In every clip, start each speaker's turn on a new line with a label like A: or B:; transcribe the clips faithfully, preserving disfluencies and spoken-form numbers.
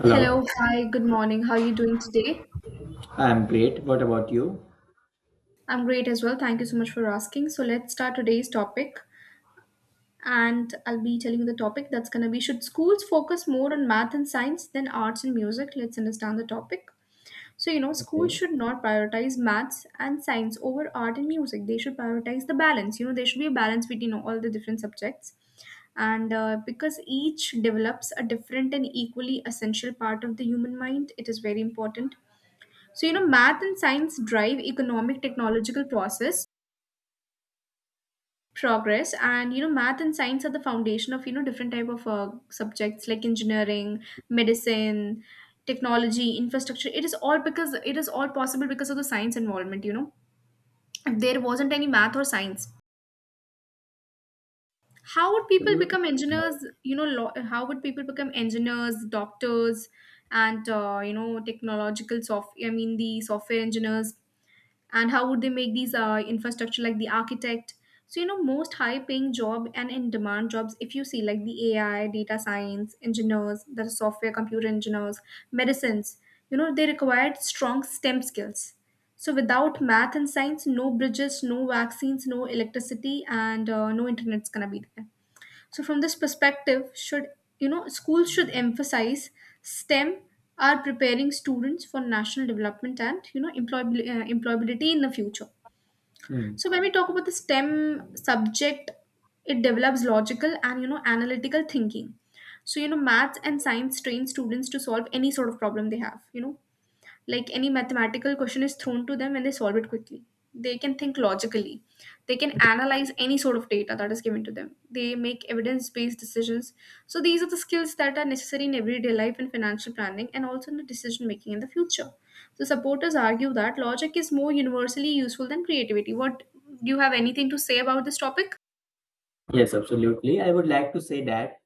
A: Hello,
B: Hello, hi, good morning. How are you doing today?
A: I'm great. What about you?
B: I'm great as well. Thank you so much for asking. So let's start today's topic. And I'll be telling you the topic that's going to be: should schools focus more on math and science than arts and music? Let's understand the topic. So, you know, schools
A: Okay,
B: should not prioritize maths and science over art and music. They should prioritize the balance. You know, there should be a balance between all the different subjects. And uh, because each develops a different and equally essential part of the human mind, it is very important. So, you know, math and science drive economic, technological process progress, and you know, math and science are the foundation of, you know, different type of uh, subjects like engineering, medicine, technology, infrastructure. It is all because, it is all possible because of the science involvement, you know. If there wasn't any math or science, how would people
A: absolutely.
B: become engineers, you know, lo- how would people become engineers, doctors, and uh, you know, technological soft I mean the software engineers, and how would they make these uh, infrastructure, like the architect. So you know, most high paying job and in demand jobs, if you see, like the AI, data science engineers, the software computer engineers, medicines, you know, they required strong STEM skills. So without math and science, no bridges, no vaccines, no electricity, and uh, no internet's gonna be there. So from this perspective, should, you know, schools should emphasize S T E M, are preparing students for national development and you know, employability, uh, employability in the future.
A: Hmm.
B: So when we talk about the S T E M subject, it develops logical and you know, analytical thinking. So you know, maths and science train students to solve any sort of problem they have. You know, like any mathematical question is thrown to them and they solve it quickly, they can think logically, they can analyze any sort of data that is given to them, they make evidence based decisions. So these are the skills that are necessary in everyday life and financial planning, and also in the decision making in the future. So supporters argue that logic is more universally useful than creativity. What, do you have anything to say about this topic?
A: Yes, absolutely. I would like to say that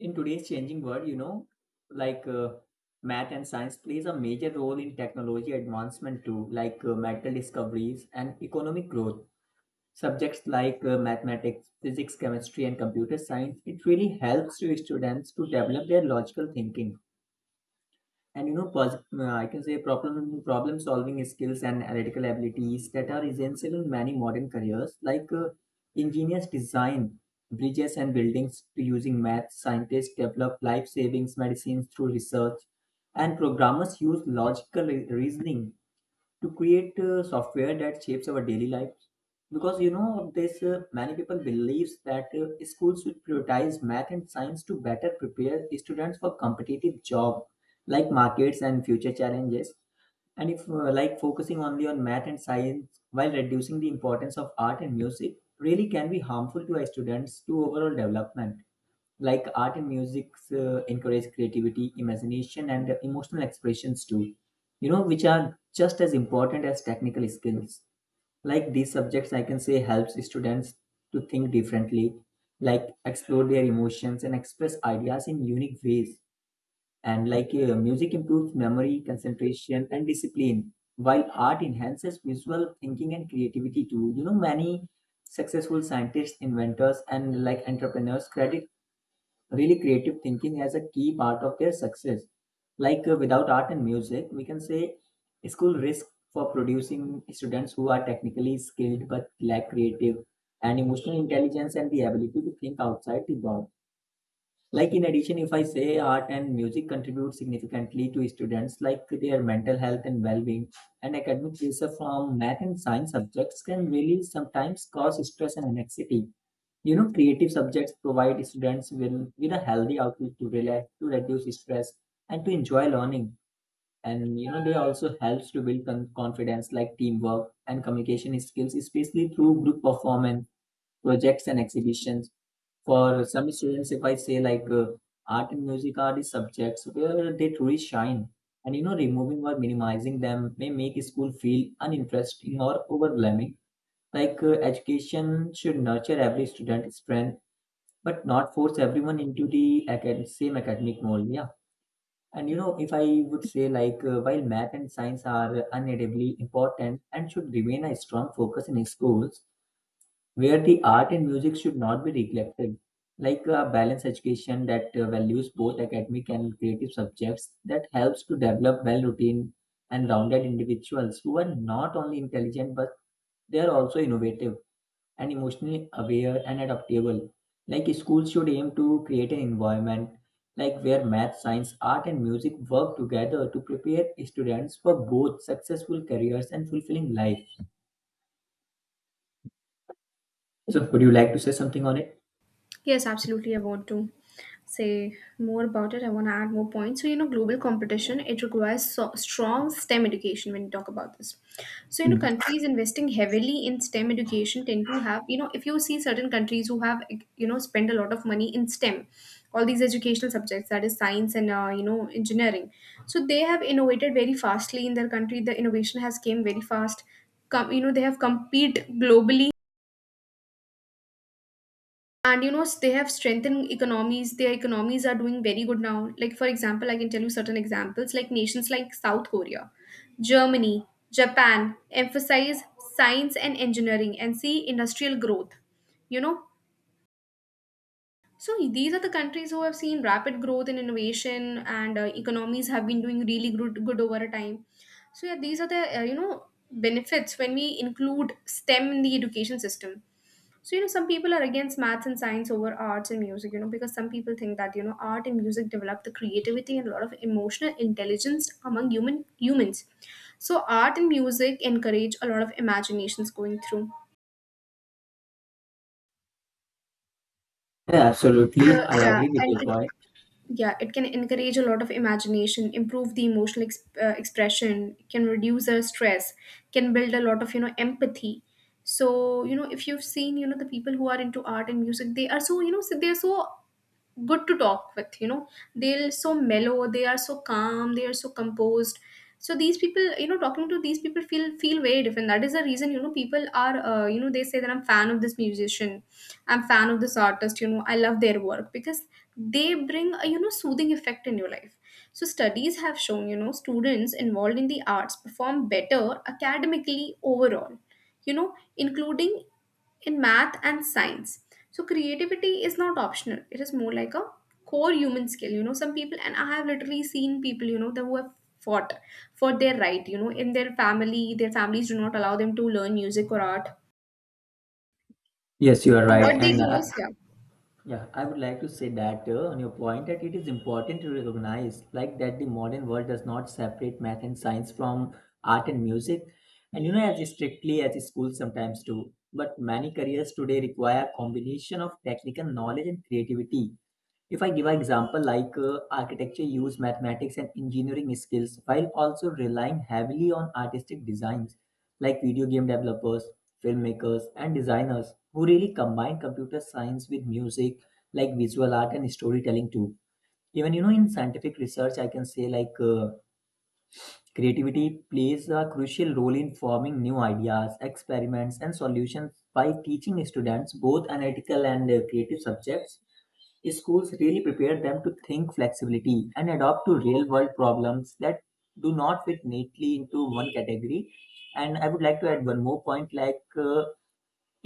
A: in today's changing world, you know, like uh, math and science plays a major role in technology advancement too, like uh, medical discoveries and economic growth. Subjects like uh, mathematics, physics, chemistry, and computer science, it really helps to students to develop their logical thinking and you know pos- uh, I can say problem problem solving skills and analytical abilities that are essential in many modern careers like uh, engineers design bridges and buildings to using math, scientists develop life savings medicines through research, and programmers use logical re- reasoning to create uh, software that shapes our daily lives. Because you know this uh, many people believes that uh, schools should prioritize math and science to better prepare students for competitive job like markets and future challenges. And if uh, like focusing only on math and science while reducing the importance of art and music really can be harmful to our students to overall development. Like art and music uh, encourage creativity, imagination, and uh, emotional expressions too. You know, which are just as important as technical skills. Like these subjects, I can say, helps students to think differently, like explore their emotions and express ideas in unique ways. And like uh, music improves memory, concentration, and discipline, while art enhances visual thinking and creativity too. You know, many successful scientists, inventors, and like entrepreneurs credit really creative thinking as a key part of their success. Like uh, without art and music, we can say school risk for producing students who are technically skilled but lack creative and emotional intelligence and the ability to think outside the box. Like in addition, if I say art and music contribute significantly to students like their mental health and well-being, and academic pressure from math and science subjects can really sometimes cause stress and anxiety. You know creative subjects provide students with, with a healthy outlet to relax, to reduce stress, and to enjoy learning. And you know they also helps to build con- confidence, like teamwork and communication skills, especially through group performance projects and exhibitions. For some students, if I say like uh, art and music are the subjects where they truly shine. And you know removing or minimizing them may make school feel uninteresting or overwhelming. Like uh, education should nurture every student's strength but not force everyone into the acad- same academic mold, yeah. And you know, if I would say, like, uh, while math and science are unavoidably important and should remain a strong focus in schools, where the art and music should not be neglected, like a balanced education that uh, values both academic and creative subjects, that helps to develop well routine and rounded individuals who are not only intelligent, but they are also innovative and emotionally aware and adaptable. Like schools should aim to create an environment like where math, science, art and music work together to prepare students for both successful careers and fulfilling life. So would you like to say something on it?
B: Yes, absolutely. I want to say more about it. I want to add more points. So, you know, global competition, it requires so strong S T E M education when you talk about this. So, you know,
A: Mm.
B: countries investing heavily in S T E M education tend to have, you know, if you see certain countries who have, like, you know, spend a lot of money in S T E M, all these educational subjects, that is science and, uh, you know, engineering. So they have innovated very fastly in their country. The innovation has came very fast. Come, you know, they have compete globally, and you know, s- they have strengthened economies, their economies are doing very good now. Like for example, I can tell you certain examples, like nations like South Korea, Germany, Japan emphasize science and engineering and see industrial growth, you know. So these are the countries who have seen rapid growth in innovation, and uh, economies have been doing really good, good over a time. So yeah, these are the, uh, you know, benefits when we include STEM in the education system. So, you know, some people are against maths and science over arts and music, you know, because some people think that, you know, art and music develop the creativity and a lot of emotional intelligence among human humans. So art and music encourage a lot of imaginations going through.
A: Yeah,
B: Uh,
A: absolutely. I
B: yeah,
A: agree with your
B: and it,
A: point.
B: yeah, it can encourage a lot of imagination, improve the emotional ex- uh, expression, can reduce our stress, can build a lot of, you know, empathy. So, you know, if you've seen, you know, the people who are into art and music, they are so, you know, so they're so good to talk with, you know, they're so mellow, they are so calm, they are so composed. So these people, you know, talking to these people feel feel very different. That is the reason, you know, people are, uh, you know, they say that I'm fan of this musician, I'm fan of this artist, you know, I love their work because they bring a, you know, soothing effect in your life. So studies have shown, you know, students involved in the arts perform better academically overall, you know, including in math and science. So creativity is not optional. It is more like a core human skill. You know, some people, and I have literally seen people, you know, that who have fought for their right, you know, in their family, their families do not allow them to learn music or art.
A: Yes, you are right.
B: What they
A: And
B: do
A: uh,
B: is, yeah.
A: yeah, I would like to say that uh, on your point that it is important to recognize like that the modern world does not separate math and science from art and music, and you know as strictly as schools sometimes do. But many careers today require combination of technical knowledge and creativity. If I give an example like uh, architecture use mathematics and engineering skills while also relying heavily on artistic designs, like video game developers, filmmakers and designers who really combine computer science with music, like visual art and storytelling too. Even you know in scientific research I can say like uh, creativity plays a crucial role in forming new ideas, experiments and solutions. By teaching students both analytical and uh, creative subjects, schools really prepare them to think flexibility and adapt to real world problems that do not fit neatly into one category. And I would like to add one more point, like uh,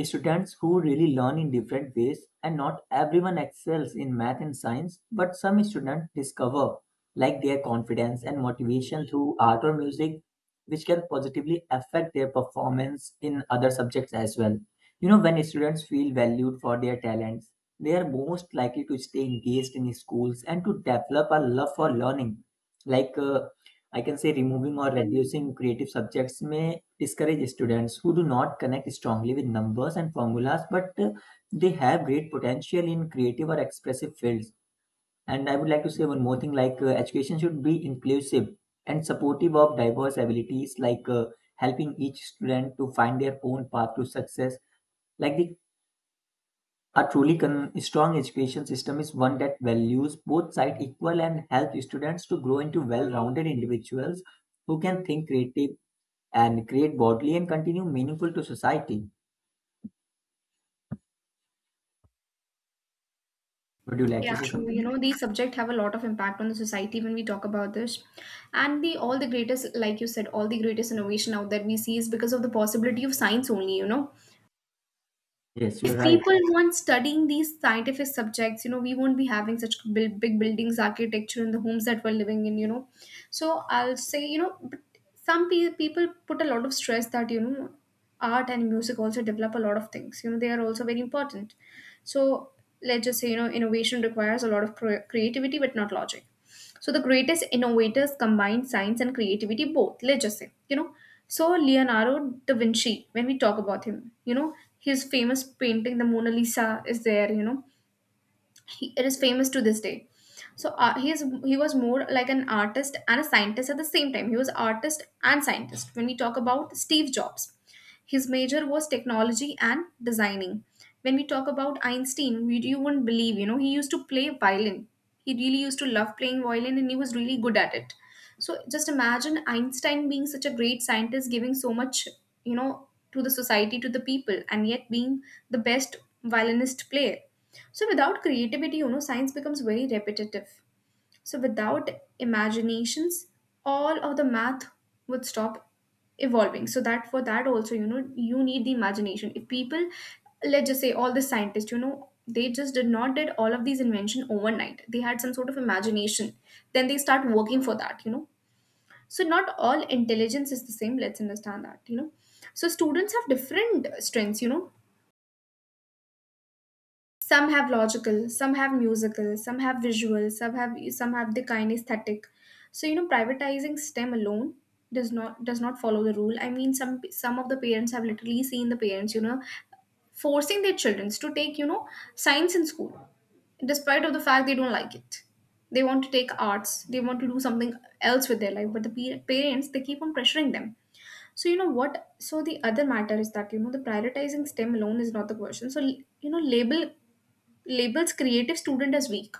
A: students who really learn in different ways, and not everyone excels in math and science, but some students discover like their confidence and motivation through art or music, which can positively affect their performance in other subjects as well. You know, when students feel valued for their talents, they are most likely to stay engaged in schools and to develop a love for learning. Like uh, I can say, removing or reducing creative subjects may discourage students who do not connect strongly with numbers and formulas, but uh, they have great potential in creative or expressive fields. And I would like to say one more thing, like uh, education should be inclusive and supportive of diverse abilities, like uh, helping each student to find their own path to success. Like the a truly con- strong education system is one that values both sides equal and helps students to grow into well-rounded individuals who can think creative and create bodily and continue meaningful to society. Would you like to
B: Yeah,
A: say
B: true. You
A: something?
B: know, these subjects have a lot of impact on the society when we talk about this. And the all the greatest, like you said, all the greatest innovation out there we see is because of the possibility of science only, you know,
A: Yes, you
B: if
A: are right.
B: people weren't studying these scientific subjects, you know, we won't be having such big, big buildings, architecture and the homes that we're living in, you know. So I'll say, you know, but some pe- people put a lot of stress that, you know, art and music also develop a lot of things, you know, they are also very important. So let's just say, you know, innovation requires a lot of cre- creativity but not logic. So the greatest innovators combined science and creativity both. Let's just say, you know. So Leonardo da Vinci, when we talk about him, you know, his famous painting, the Mona Lisa, is there, you know, he, it is famous to this day. So uh, he is he was more like an artist and a scientist at the same time. He was artist and scientist. When we talk about Steve Jobs, his major was technology and designing. When we talk about Einstein, we, you wouldn't believe, you know, he used to play violin. He really used to love playing violin and he was really good at it. So just imagine Einstein being such a great scientist, giving so much, you know, to the society, to the people, and yet being the best violinist player. So without creativity, you know, science becomes very repetitive. So without imaginations, all of the math would stop evolving. So that, for that also, you know, you need the imagination. If people, let's just say all the scientists, you know, they just did not did all of these invention overnight. They had some sort of imagination. Then they start working for that, you know. So not all intelligence is the same, let's understand that, you know. So students have different strengths, you know, some have logical, some have musical, some have visual, some have some have the kinesthetic. So you know, privatizing STEM alone does not does not follow the rule. I mean, some some of the parents, have literally seen the parents, you know, forcing their children to take, you know, science in school, despite of the fact they don't like it. They want to take arts, they want to do something else with their life, but the pe- parents, they keep on pressuring them. So you know what? So the other matter is that, you know, the prioritizing S T E M alone is not the question. So you know, label labels creative student as weak,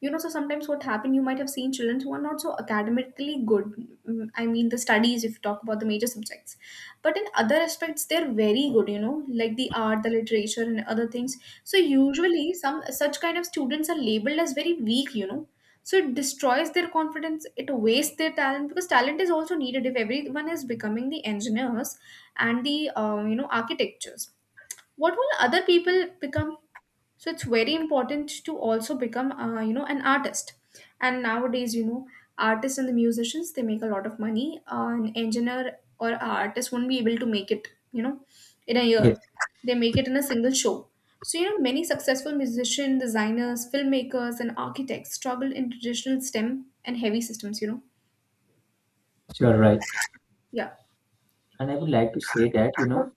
B: you know. So sometimes what happen, you might have seen children who are not so academically good. Mm, I mean the studies, if you talk about the major subjects, but in other aspects they're very good, you know, like the art, the literature and other things. So usually some such kind of students are labeled as very weak, you know. So it destroys their confidence, it wastes their talent, because talent is also needed. If everyone is becoming the engineers and the um, you know, architectures, what will other people become? So it's very important to also become uh, you know, an artist. And nowadays, you know, artists and the musicians they make a lot of money. Uh, an engineer or a artist won't be able to make it, you know, in a
A: Yes,
B: year, they make it in a single show. So you know, many successful musicians, designers, filmmakers and architects struggle in traditional STEM and heavy systems, you know.
A: you are right.
B: Yeah.
A: And I would like to say that, you know,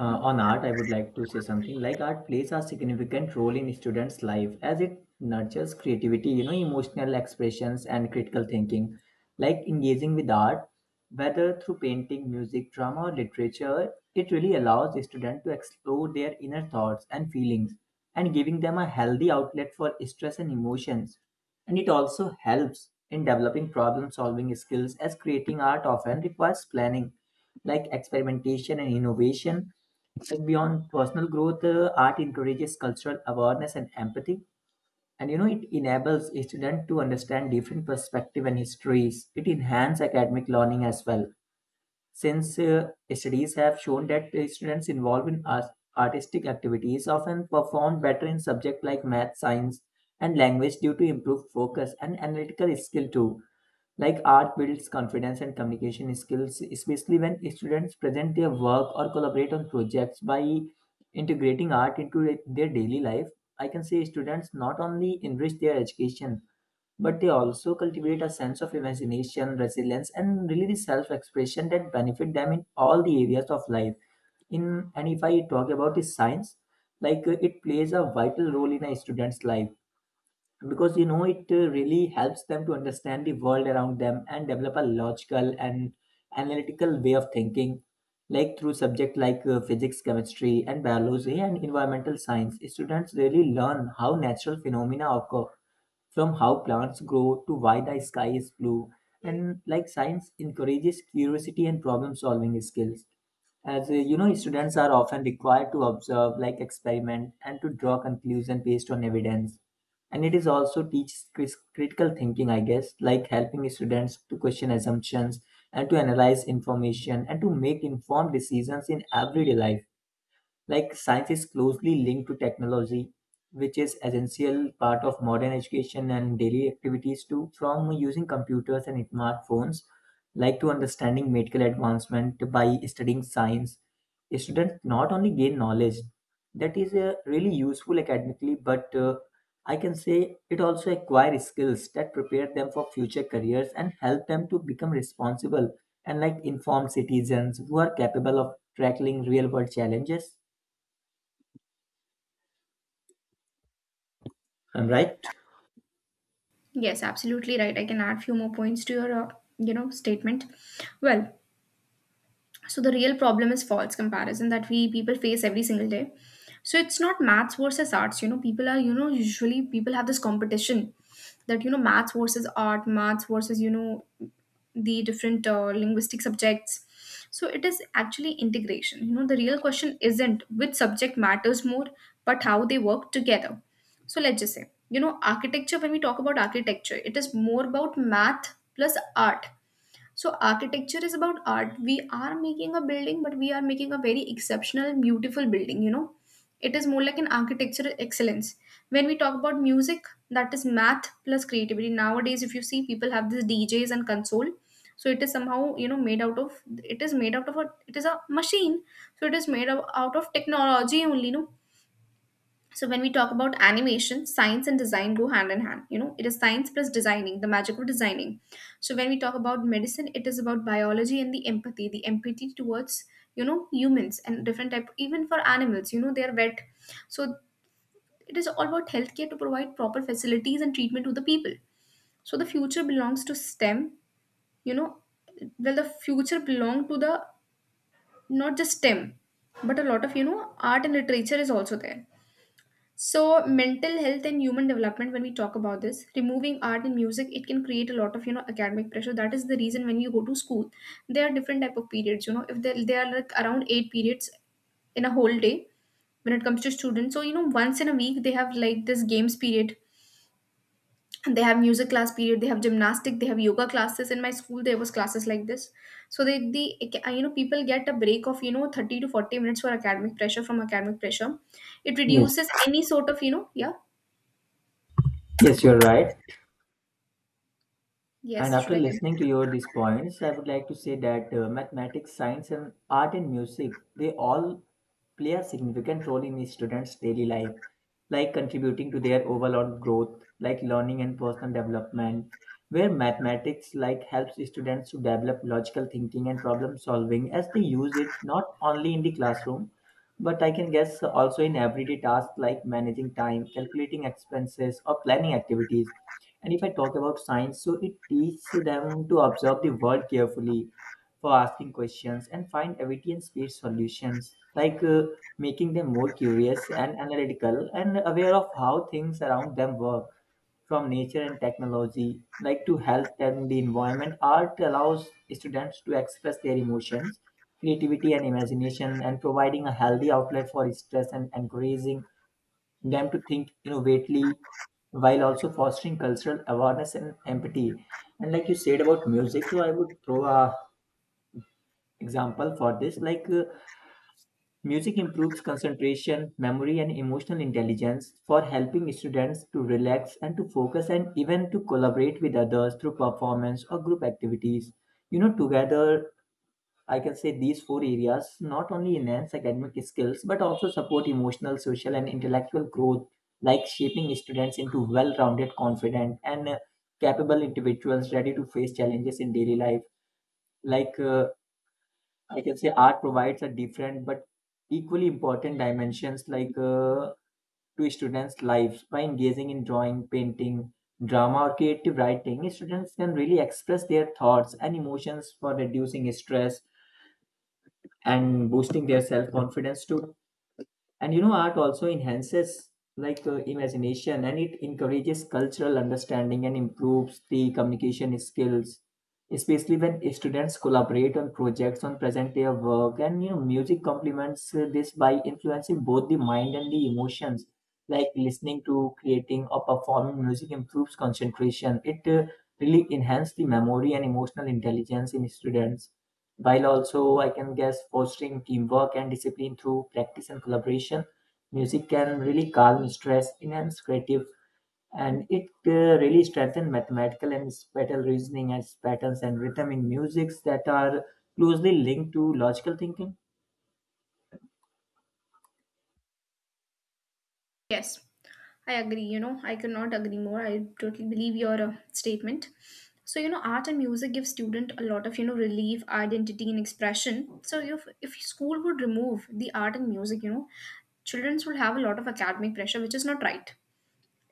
A: Uh, on art, I would like to say something like art plays a significant role in students' life as it nurtures creativity, you know, emotional expressions and critical thinking. Like engaging with art, whether through painting, music, drama, or literature, it really allows the student to explore their inner thoughts and feelings and giving them a healthy outlet for stress and emotions. And it also helps in developing problem solving skills as creating art often requires planning, like experimentation and innovation. Like beyond personal growth, uh, art encourages cultural awareness and empathy. And you know, it enables a student to understand different perspectives and histories. It enhances academic learning as well, since uh, studies have shown that uh, students involved in art- artistic activities often perform better in subjects like math, science, and language due to improved focus and analytical skill too. Like art builds confidence and communication skills, especially when students present their work or collaborate on projects. By integrating art into their daily life, I can say students not only enrich their education, but they also cultivate a sense of imagination, resilience, and really the self-expression that benefit them in all the areas of life. In and if I talk about the science, like uh, it plays a vital role in a student's life, because you know it uh, really helps them to understand the world around them and develop a logical and analytical way of thinking, like through subject like uh, physics, chemistry and biology and environmental science. Students really learn how natural phenomena occur, from how plants grow to why the sky is blue. And like science encourages curiosity and problem solving skills, as uh, you know students are often required to observe, like experiment and to draw conclusion based on evidence. And it is also teaches cris- critical thinking, I guess, like helping students to question assumptions and to analyze information and to make informed decisions in everyday life. Like science is closely linked to technology, which is essential part of modern education and daily activities too, from using computers and smartphones, like to understanding medical advancement. By studying science, students not only gain knowledge that is uh, really useful academically, but uh, I can say it also acquire skills that prepare them for future careers and help them to become responsible and like informed citizens who are capable of tackling real world challenges. I'm right?
B: Yes, absolutely right. I can add few more points to your, uh, you know, statement. Well, so the real problem is false comparison that we people face every single day. So it's not maths versus arts, you know, people are, you know, usually people have this competition that, you know, maths versus art, maths versus, you know, the different uh, linguistic subjects. So it is actually integration, you know. The real question isn't which subject matters more, but how they work together. So Let's just say, you know, architecture. When we talk about architecture, it is more about math plus art. So architecture is about art. We are making a building, but we are making a very exceptional beautiful building, you know. It is more like an architectural excellence. When we talk about music, that is math plus creativity. Nowadays if you see, people have this DJs and console. So it is somehow, you know, made out of it is made out of a it is a machine. So it is made of out of technology only, no. So when we talk about animation, science and design go hand in hand. You know, it is science plus designing, the magic of designing. So when we talk about medicine, it is about biology and the empathy, the empathy towards, you know, humans and different type, even for animals. You know, they are wet, so it is all about healthcare to provide proper facilities and treatment to the people. So the future belongs to STEM. You know, well the future belong to the, not just STEM, but a lot of, you know, art and literature is also there. So mental health and human development, when we talk about this, removing art and music, it can create a lot of, you know, academic pressure. That is the reason when you go to school, there are different type of periods. You know, if there there are like around eight periods in a whole day when it comes to students. So you know, once in a week they have like this games period, and they have music class period, they have gymnastic, they have yoga classes. In my school, there was classes like this. So they the you know, people get a break of, you know, thirty to forty minutes for academic pressure, from academic pressure. It
A: Yes.
B: reduces any sort of, you know, yeah.
A: Yes, you're right. And
B: Yes, should
A: after
B: I continue?
A: listening to your these points, I would like to say that uh, mathematics, science, and art and music, they all play a significant role in the students' daily life, like contributing to their overall growth, like learning and personal development. Where mathematics like helps students to develop logical thinking and problem solving, as they use it not only in the classroom, but I can guess also in everyday tasks like managing time, calculating expenses, or planning activities. And if I talk about science, so it teaches them to observe the world carefully, for asking questions and find evidence based solutions, like uh, making them more curious and analytical and aware of how things around them work, from nature and technology, like to health and the environment. Art allows students to express their emotions, creativity, and imagination, and providing a healthy outlet for stress and encouraging them to think innovatively while also fostering cultural awareness and empathy. And like you said about music, so I would throw a example for this. Like uh, music improves concentration, memory, and emotional intelligence, for helping students to relax and to focus, and even to collaborate with others through performance or group activities. You know, together I can say these four areas not only enhance academic skills but also support emotional, social, and intellectual growth, like shaping students into well rounded, confident, and uh, capable individuals ready to face challenges in daily life. Like uh, I can say, art provides a different but equally important dimensions like uh, to students' lives by engaging in drawing, painting, drama, or creative writing. Students can really express their thoughts and emotions for reducing stress and boosting their self confidence too. And you know art also enhances like uh, imagination, and it encourages cultural understanding and improves the communication skills, especially when students collaborate on projects on present their work. And you know music complements uh, this by influencing both the mind and the emotions, like listening to creating or performing music improves concentration. It uh, really enhances the memory and emotional intelligence in students, while also I can guess fostering teamwork and discipline through practice and collaboration. Music can really calm stress, enhance creative, and it uh, really strengthens mathematical and spatial reasoning as patterns and rhythm in musics that are closely linked to logical thinking.
B: Yes, I agree. You know, I could not agree more. I totally believe your uh, statement. So, you know, art and music give student a lot of, you know, relief, identity, and expression. So, if, if school would remove the art and music, you know, children would have a lot of academic pressure, which is not right.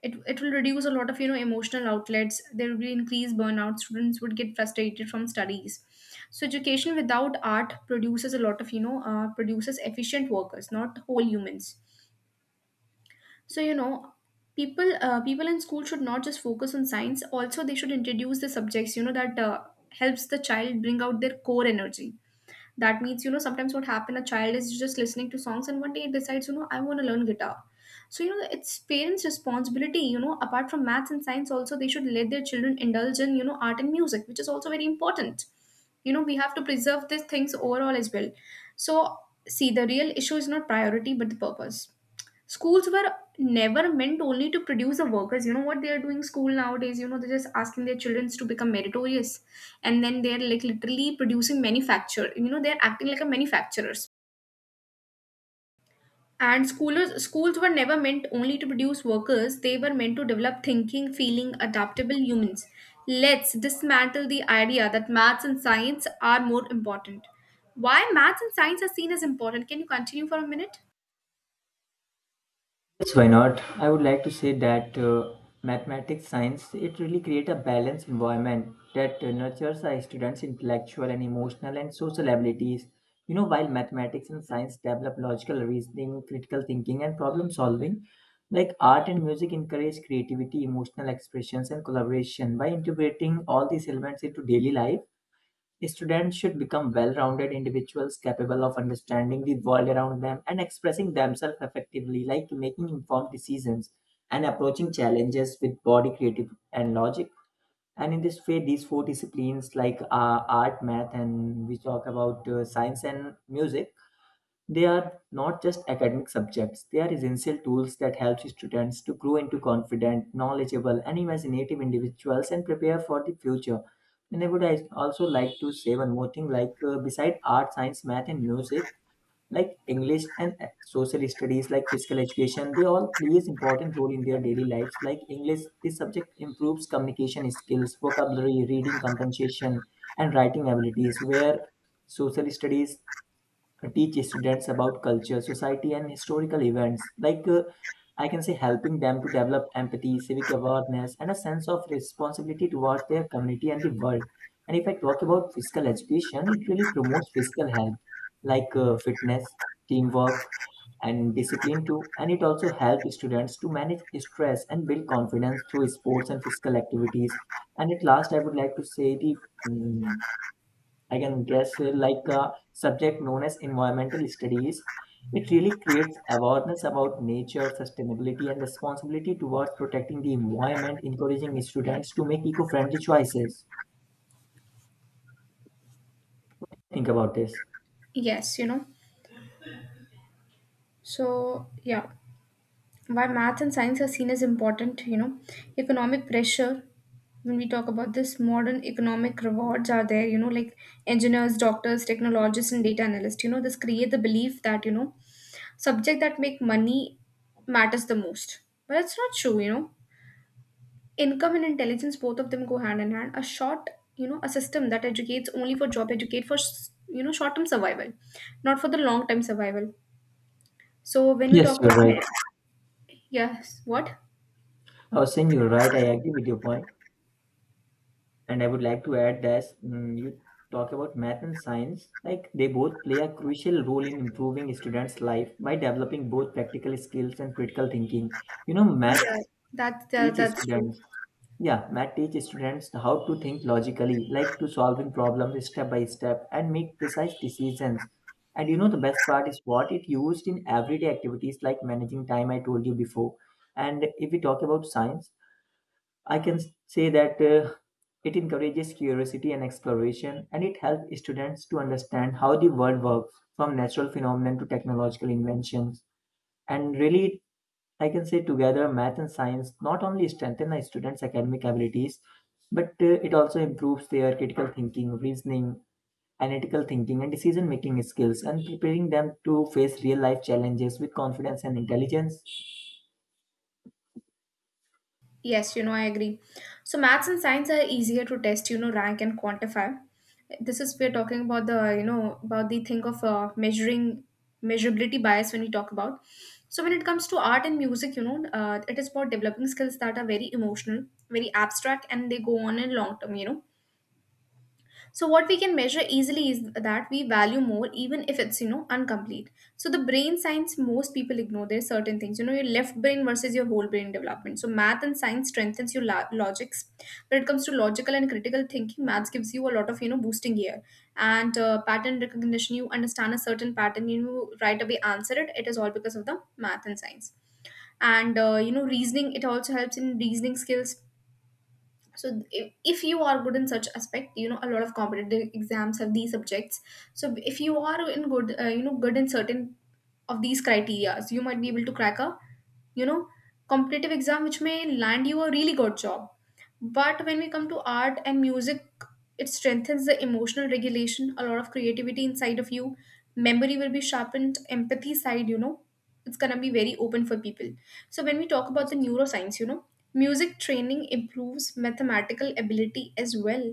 B: It, it will reduce a lot of, you know, emotional outlets. There will be increased burnout. Students would get frustrated from studies. So, education without art produces a lot of, you know, uh, produces efficient workers, not whole humans. So you know, people uh, people in school should not just focus on science. Also, they should introduce the subjects, you know, that uh, helps the child bring out their core energy. That means, you know, sometimes what happen, a child is just listening to songs and one day it decides, you know, I want to learn guitar. So you know, it's parents' responsibility. You know, apart from maths and science, also they should let their children indulge in, you know, art and music, which is also very important. You know, we have to preserve these things overall as well. So see, the real issue is not priority but the purpose. Schools were never meant only to produce the workers. You know what they are doing, school nowadays, you know, they're just asking their children to become meritorious, and then they're like literally producing manufacture, you know, they're acting like a manufacturers. And schoolers schools were never meant only to produce workers. They were meant to develop thinking, feeling, adaptable humans. Let's dismantle the idea that maths and science are more important. Why maths and science are seen as important? Can you continue for a minute?
A: Yes, why not? I would like to say that uh, mathematics science it really create a balanced environment that uh, nurtures our students' intellectual and emotional and social abilities. You know, while mathematics and science develop logical reasoning, critical thinking, and problem solving, like art and music encourage creativity, emotional expressions, and collaboration. By integrating all these elements into daily life, students should become well rounded individuals capable of understanding the world around them and expressing themselves effectively, like making informed decisions and approaching challenges with body creative and logic. And in this way, these four disciplines like uh, art, math, and we talk about uh, science and music, they are not just academic subjects, they are essential tools that help students to grow into confident, knowledgeable, and imaginative individuals and prepare for the future. And I would al- also like to say one more thing like, uh, beside art, science, math, and music, like English and uh, social studies, like physical education, they all plays important role in their daily lives. Like English, this subject improves communication skills, vocabulary, reading comprehension, and writing abilities, where social studies uh, teach students about culture, society, and historical events. Like uh, I can say, helping them to develop empathy, civic awareness, and a sense of responsibility towards their community and the world. And if I talk about physical education, it really promotes physical health, like uh, fitness, teamwork, and discipline too. And it also helps students to manage stress and build confidence through sports and physical activities. And at last, I would like to say the mm, I can guess uh, like a subject known as environmental studies. It really creates awareness about nature, sustainability, and responsibility towards protecting the environment, encouraging students to make eco friendly choices. Think about this.
B: Yes, you know, so yeah. Why math and science are seen as important? You know, economic pressure. When we talk about this, modern economic rewards are there, you know, like engineers, doctors, technologists, and data analysts, you know, this create the belief that, you know, subject that make money matters the most. But it's not true, you know. Income and intelligence, both of them go hand in hand. A short, you know, a system that educates only for job, educate for, s- you know, short-term survival, not for the long-term survival. So when we
A: Yes,
B: talk
A: you're
B: about,
A: right.
B: yes, what?
A: I was saying you're right. I agree with your point. And I would like to add that mm, you talk about math and science, like they both play a crucial role in improving students' life by developing both practical skills and critical thinking. You know, math
B: Yeah, that, that
A: teaches
B: that's true.
A: students. Yeah, math teaches students how to think logically, like to solving problems step by step and make precise decisions. And you know the best part is what it used in everyday activities like managing time I told you before. And if we talk about science, I can s- say that uh, it encourages curiosity and exploration, and it helps students to understand how the world works from natural phenomena to technological inventions. And really, I can say together, math and science not only strengthen the students' academic abilities, but uh, it also improves their critical thinking, reasoning, analytical thinking, and decision making skills, and preparing them to face real life challenges with confidence and intelligence.
B: Yes, you know, I agree. So maths and science are easier to test, you know, rank and quantify. This is we're talking about the, you know, about the thing of uh, measuring measurability bias when we talk about. So when it comes to art and music, you know, uh, it is about developing skills that are very emotional, very abstract, and they go on in long term. You know, so what we can measure easily is that we value more even if it's, you know, incomplete. So the brain science most people ignore, there's certain things, you know, your left brain versus your whole brain development. So math and science strengthens your la- logics. When it comes to logical and critical thinking, math gives you a lot of, you know, boosting here. And uh, pattern recognition, you understand a certain pattern, you right away answer it. It is all because of the math and science. And uh, you know, reasoning, it also helps in reasoning skills. So if, if you are good in such aspect, you know, a lot of competitive exams have these subjects. So if you are in good uh, you know, good in certain of these criterias, you might be able to crack a, you know, competitive exam which may land you a really good job. But when we come to art and music, it strengthens the emotional regulation, a lot of creativity inside of you. Memory will be sharpened, empathy side, you know, it's going to be very open for people. So when we talk about the neuroscience, you know, music training improves mathematical ability as well,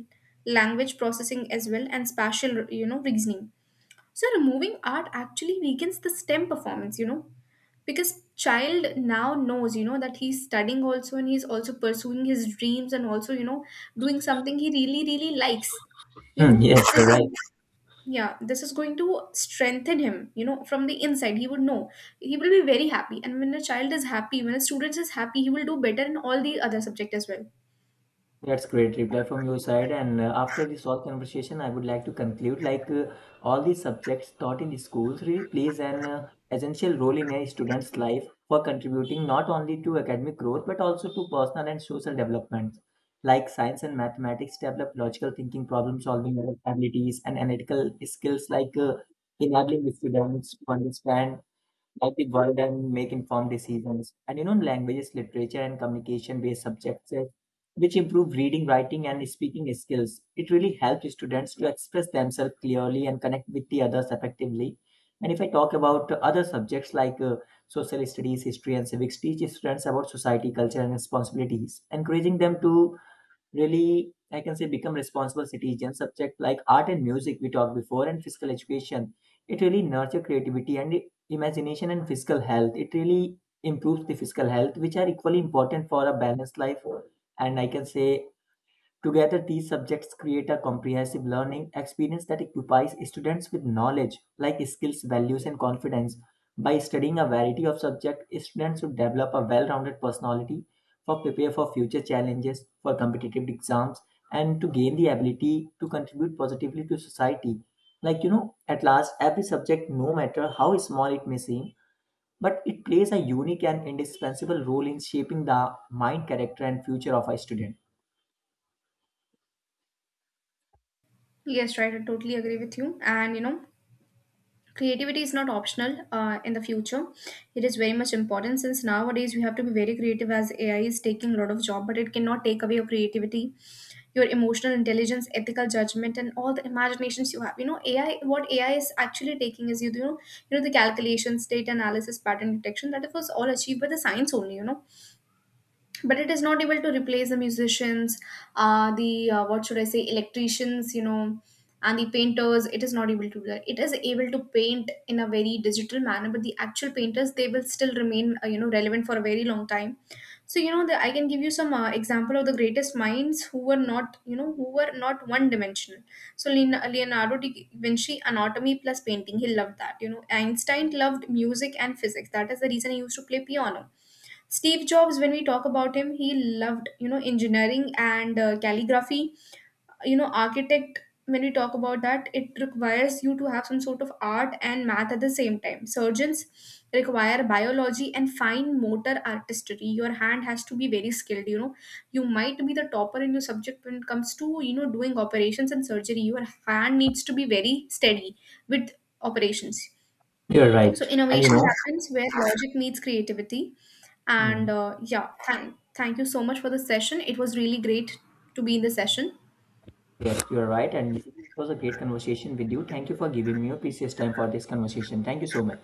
B: language processing as well, and spatial, you know, reasoning. So removing art actually weakens the STEM performance, you know, because child now knows, you know, that he's studying also, and he's also pursuing his dreams, and also, you know, doing something he really really likes. You
A: Hmm,
B: know this
A: yes, you're right.
B: is, yeah, this is going to strengthen him. You know, from the inside, he would know he will be very happy. And when a child is happy, when a student is happy, he will do better in all the other subject as well.
A: That's great reply from your side. And uh, after this whole conversation, I would like to conclude like uh, all these subjects taught in schools really plays an uh, essential role in a student's life for contributing not only to academic growth but also to personal and social development. Like science and mathematics develop logical thinking, problem solving abilities, and analytical skills like uh, enabling the students to understand help the world and make informed decisions. And you know, languages, literature, and communication based subjects uh, which improve reading, writing, and speaking skills. It really helps students to express themselves clearly and connect with the others effectively. And if I talk about other subjects like uh, social studies, history, and civics, teach students about society, culture, and responsibilities, encouraging them to really, I can say, become responsible citizens. Subject like art and music we talked before, and physical education, it really nurture creativity and imagination and physical health. It really improves the physical health, which are equally important for a balanced life. And I can say together, these subjects create a comprehensive learning experience that equips students with knowledge like skills, values, and confidence. By studying a variety of subjects, students would develop a well rounded personality for prepare for future challenges, for competitive exams, and to gain the ability to contribute positively to society. Like, you know, at last, every subject, no matter how small it may seem, but it plays a unique and indispensable role in shaping the mind, character, and future of a student.
B: Yes, right, I totally agree with you. And you know, creativity is not optional uh, in the future. It is very much important, since nowadays we have to be very creative, as AI is taking a lot of job, but it cannot take away your creativity, your emotional intelligence, ethical judgment, and all the imaginations you have. You know, ai what ai is actually taking is, you know, you know, the calculations, data analysis, pattern detection, that it was all achieved by the science only, you know. But it is not able to replace the musicians, uh, the uh, what should I say, electricians, you know, and the painters. It is not able to do that. It is able to paint in a very digital manner, but the actual painters, they will still remain uh, you know, relevant for a very long time. So you know, the, I can give you some uh, example of the greatest minds who were not, you know, who were not one dimensional. So Leon- leonardo da Vinci, anatomy plus painting, he loved that. You know, Einstein loved music and physics. That is the reason he used to play piano. Steve Jobs, when we talk about him, he loved, you know, engineering and uh, calligraphy. You know, architect. When we talk about that, it requires you to have some sort of art and math at the same time. Surgeons require biology and fine motor artistry. Your hand has to be very skilled. You know, you might be the topper in your subject when it comes to, you know, doing operations and surgery. Your hand needs to be very steady with operations.
A: You're
B: So
A: right. And you
B: innovation
A: know,
B: happens where logic meets creativity. And
A: mm,
B: uh, yeah, thank thank you so much for the session. It was really great to be in the session.
A: yes, you're right. And it was a great conversation with you. Thank you for giving me your precious time for this conversation. Thank you so much.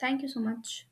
B: Thank you so much.